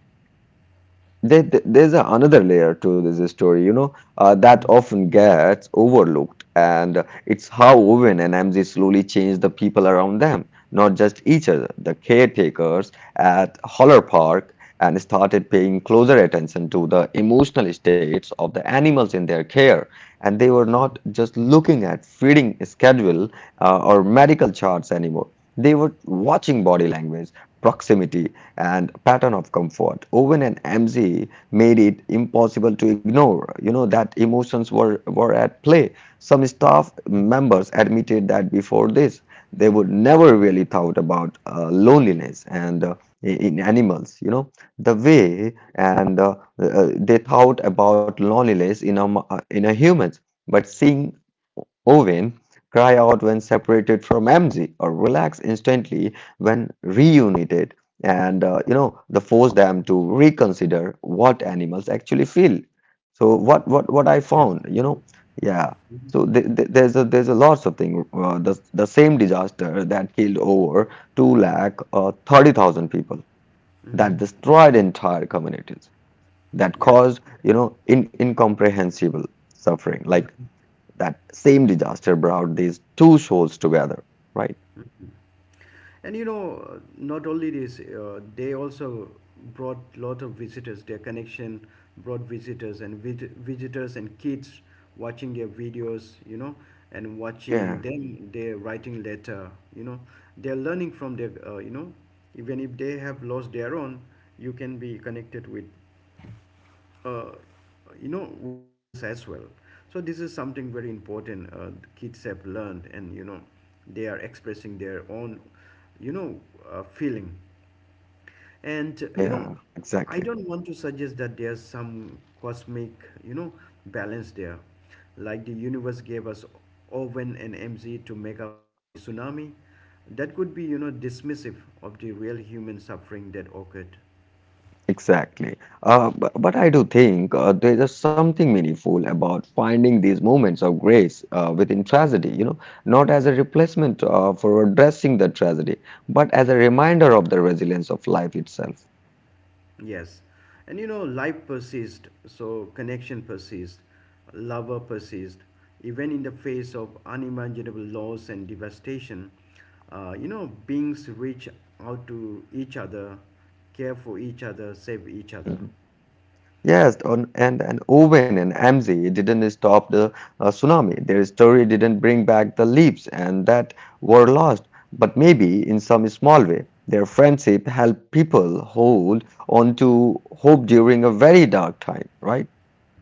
Speaker 2: There's another layer to this story, you know, that
Speaker 1: Mhm.
Speaker 2: often gets overlooked, and it's how Owen and MZ slowly change the people around them, not just each other. The caretakers at Holler Park and started paying closer attention to the emotional states of the animals in their care, and they were
Speaker 1: Mhm.
Speaker 2: not just looking at feeding schedule or medical charts anymore. They were watching body language, proximity, and pattern of comfort. Owen and MZ made it impossible to ignore, you know, that emotions were at play. Some staff members admitted that before this, they would never really thought about loneliness and in animals, you know, the way and they thought about loneliness in in a humans. But seeing Owen cry out when separated from MZ or relax instantly when reunited and you know the force them to reconsider what animals actually feel. So what I
Speaker 1: Yes.
Speaker 2: found, you know, yeah,
Speaker 1: Mm-hmm.
Speaker 2: so th th there's a lots of thing. The same disaster that killed over 2 lakh 30,000 people, that
Speaker 1: Mm-hmm.
Speaker 2: destroyed entire communities, that
Speaker 1: Yes.
Speaker 2: caused, you know, in incomprehensible suffering, like
Speaker 1: Mm-hmm.
Speaker 2: that same disaster brought these two shows together, right?
Speaker 1: And you know, not only this, they also brought lot of visitors. Their connection brought visitors and visitors and kids watching their videos, you know, and watching
Speaker 2: Yeah,
Speaker 1: them, they're writing letter, you know, they're learning from their, even if they have lost their own, you can be connected with uh, you know, with others as well. So this is something very important, the kids have learned, and you know, they are expressing their own, you know, feeling, and you know,
Speaker 2: yeah,
Speaker 1: I
Speaker 2: exactly,
Speaker 1: don't want to suggest that there's some cosmic, you know, balance there, like the universe gave us Owen and MZ to make up for the tsunami. That could be, you know, dismissive of the real human suffering that occurred.
Speaker 2: exactly. But I do think there is something meaningful about finding these moments of grace within tragedy, you know, not as a replacement for addressing the tragedy, but as a reminder of the resilience of life itself.
Speaker 1: Yes. And you know, life persists, so connection persists, lover persists, even in the face of unimaginable loss and devastation. You know, beings reach out to each other, care for each other, save each other.
Speaker 2: Mm-hmm. Yes, on, and Owen and Amzi didn't stop the tsunami. Their story didn't bring back the leaves and that were lost, but maybe in some small way, their friendship helped people hold on to hope during a very dark time, right?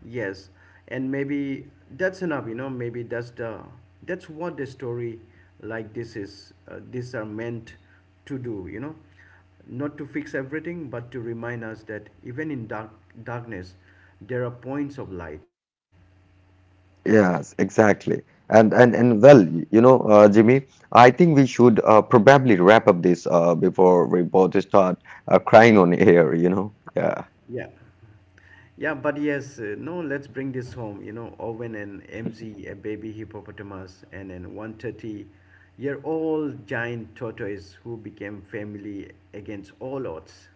Speaker 1: Yes, and maybe that's enough, you know. Maybe that's what the story like this is. These are meant to do, you know, not to fix everything, but to remind us that even in darkness, there are points of light.
Speaker 2: Yes, exactly. And well, you know, Jimmy, I think we should probably wrap up this before we both start crying on air, you know. Yeah.
Speaker 1: Yeah, yeah, but yes, no. Let's bring this home, you know. Owen and MZ, a baby hippopotamus, and an 130-year-old giant tortoise who became family against all odds.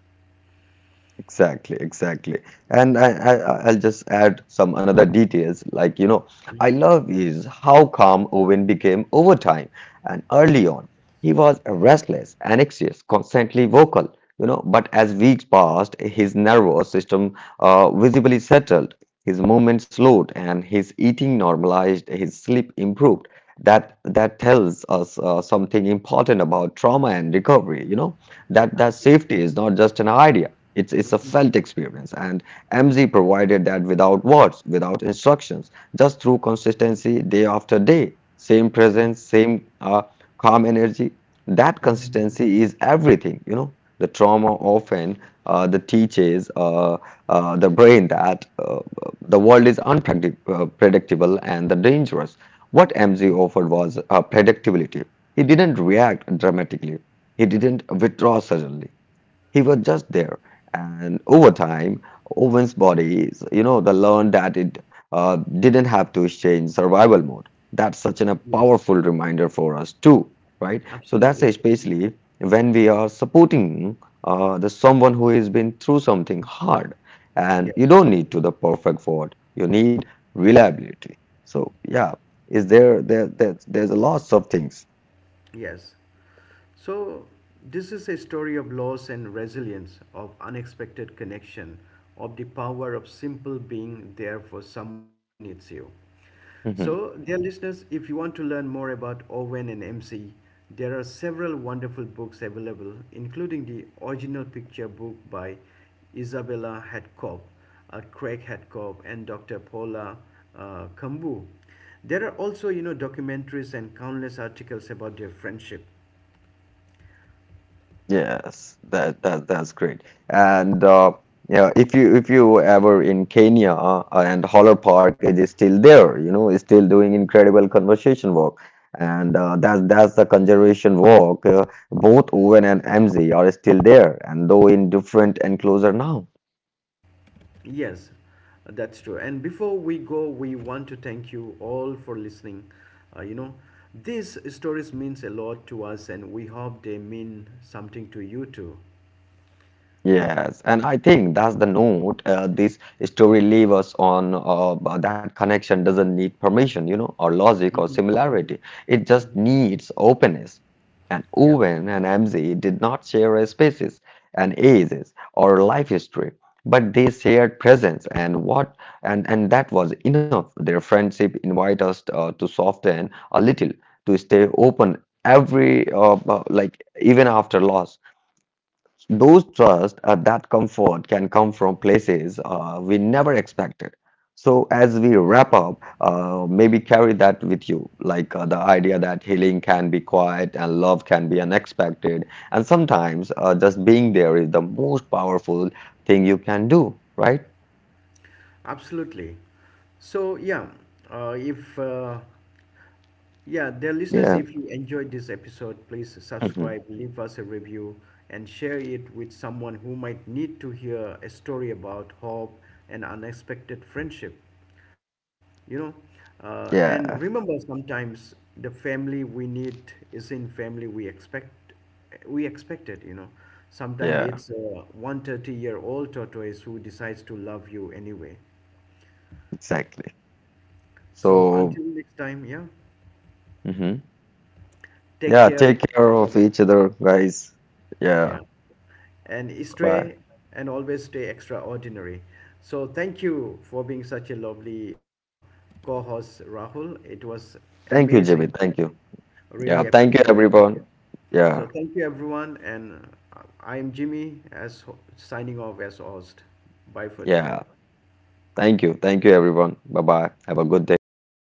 Speaker 2: Exactly, exactly. And I'll just add some another details. Like, you know, I love is how calm Owen became over time and early
Speaker 1: Mm,
Speaker 2: on. He was restless and anxious, constantly vocal, you know, but as weeks passed, his nervous system visibly settled, his movement slowed, and his eating normalized, his sleep improved. That tells us something important about trauma and recovery, you know, that
Speaker 1: absolutely.
Speaker 2: safety is not just an idea. It's a
Speaker 1: Mm,
Speaker 2: felt experience, and MZ provided that without words, without instructions, just through consistency day after day. Same
Speaker 1: mm,
Speaker 2: presence, same calm energy. That
Speaker 1: mm.
Speaker 2: consistency is everything, you know. The trauma often the teaches the brain that the world is unpredictable and the dangerous. What MZ offered was predictability. He didn't react dramatically. He didn't withdraw suddenly. He was just there. And over time, Owen's body, you know, the learned that it didn't have to stay in survival mode. That's such an, a
Speaker 1: Yes,
Speaker 2: powerful reminder for us too, right? So that's
Speaker 1: absolutely.
Speaker 2: especially when we are supporting the someone who has been through something hard. And you
Speaker 1: Yes,
Speaker 2: don't need to the perfect for. You need reliability. So yeah, is there there, there there's a lots of things.
Speaker 1: yes. So, this is a story of loss and resilience, of unexpected connection, of the power of simple being there for someone who needs you.
Speaker 2: Mm-hmm.
Speaker 1: So, dear listeners, if you want to learn more about Owen and MC, there are several wonderful books available, including the original picture book by Isabella Hadcock, Craig Hadcock, and Dr. Paula Kambu. There are also, you know, documentaries and countless articles about their friendship.
Speaker 2: Yes, that's great. And yeah, if you ever in Kenya and Holler Park, it is still there. You know, it's still doing incredible conservation work, and that's the conservation work. Both Owen and MZ are still there, and though in different enclosure now.
Speaker 1: Yes, that's true. And before we go, we want to thank you all for listening. You know, these stories means a lot to us, and we hope they mean something to you too.
Speaker 2: Yes, and I think that's the note this story leaves us on, that connection doesn't need permission, you know, or logic or similarity. It just needs openness. And
Speaker 1: Yeah,
Speaker 2: Owen and MZ did not share a spaces and ages or life history, but they shared presence and what and that was enough. Their friendship invite us to soften a little, to stay open every like even after loss. Those trust that comfort can come from places we never expected. So, as we wrap up, maybe carry that with you, like the idea that healing can be quiet and love can be unexpected. And sometimes just being there is the most powerful thing you can do, right?
Speaker 1: absolutely. So yeah, if yeah, dear listeners,
Speaker 2: Yeah.
Speaker 1: if you enjoyed this episode, please
Speaker 2: Mhm.
Speaker 1: subscribe, leave us a review, and share it with someone who might need to hear a story about hope and unexpected friendship. You know, and
Speaker 2: Yeah.
Speaker 1: remember, sometimes the family we need is in family we expect it, you know. Sometimes
Speaker 2: Yeah.
Speaker 1: it's a 130-year-old tortoise who decides to love you anyway.
Speaker 2: Exactly.
Speaker 1: So
Speaker 2: So,
Speaker 1: until next time, yeah,
Speaker 2: mhm.
Speaker 1: take
Speaker 2: Yeah,
Speaker 1: care of
Speaker 2: take care
Speaker 1: each
Speaker 2: of
Speaker 1: other.
Speaker 2: each other, guys. Yeah.
Speaker 1: Yeah, and
Speaker 2: Bye.
Speaker 1: stray and always stay extraordinary. So thank you for being such a lovely co-host, Rahul. It was
Speaker 2: Thank you, Jimmy.
Speaker 1: amazing.
Speaker 2: Thank you. Yeah,
Speaker 1: Really
Speaker 2: thank you
Speaker 1: appreciate it.
Speaker 2: everyone.
Speaker 1: So
Speaker 2: Yeah,
Speaker 1: thank you everyone, and I am Jimmy, as signing off as host. Bye for today.
Speaker 2: yeah. Thank you. Thank you everyone. Bye bye. Have a good day.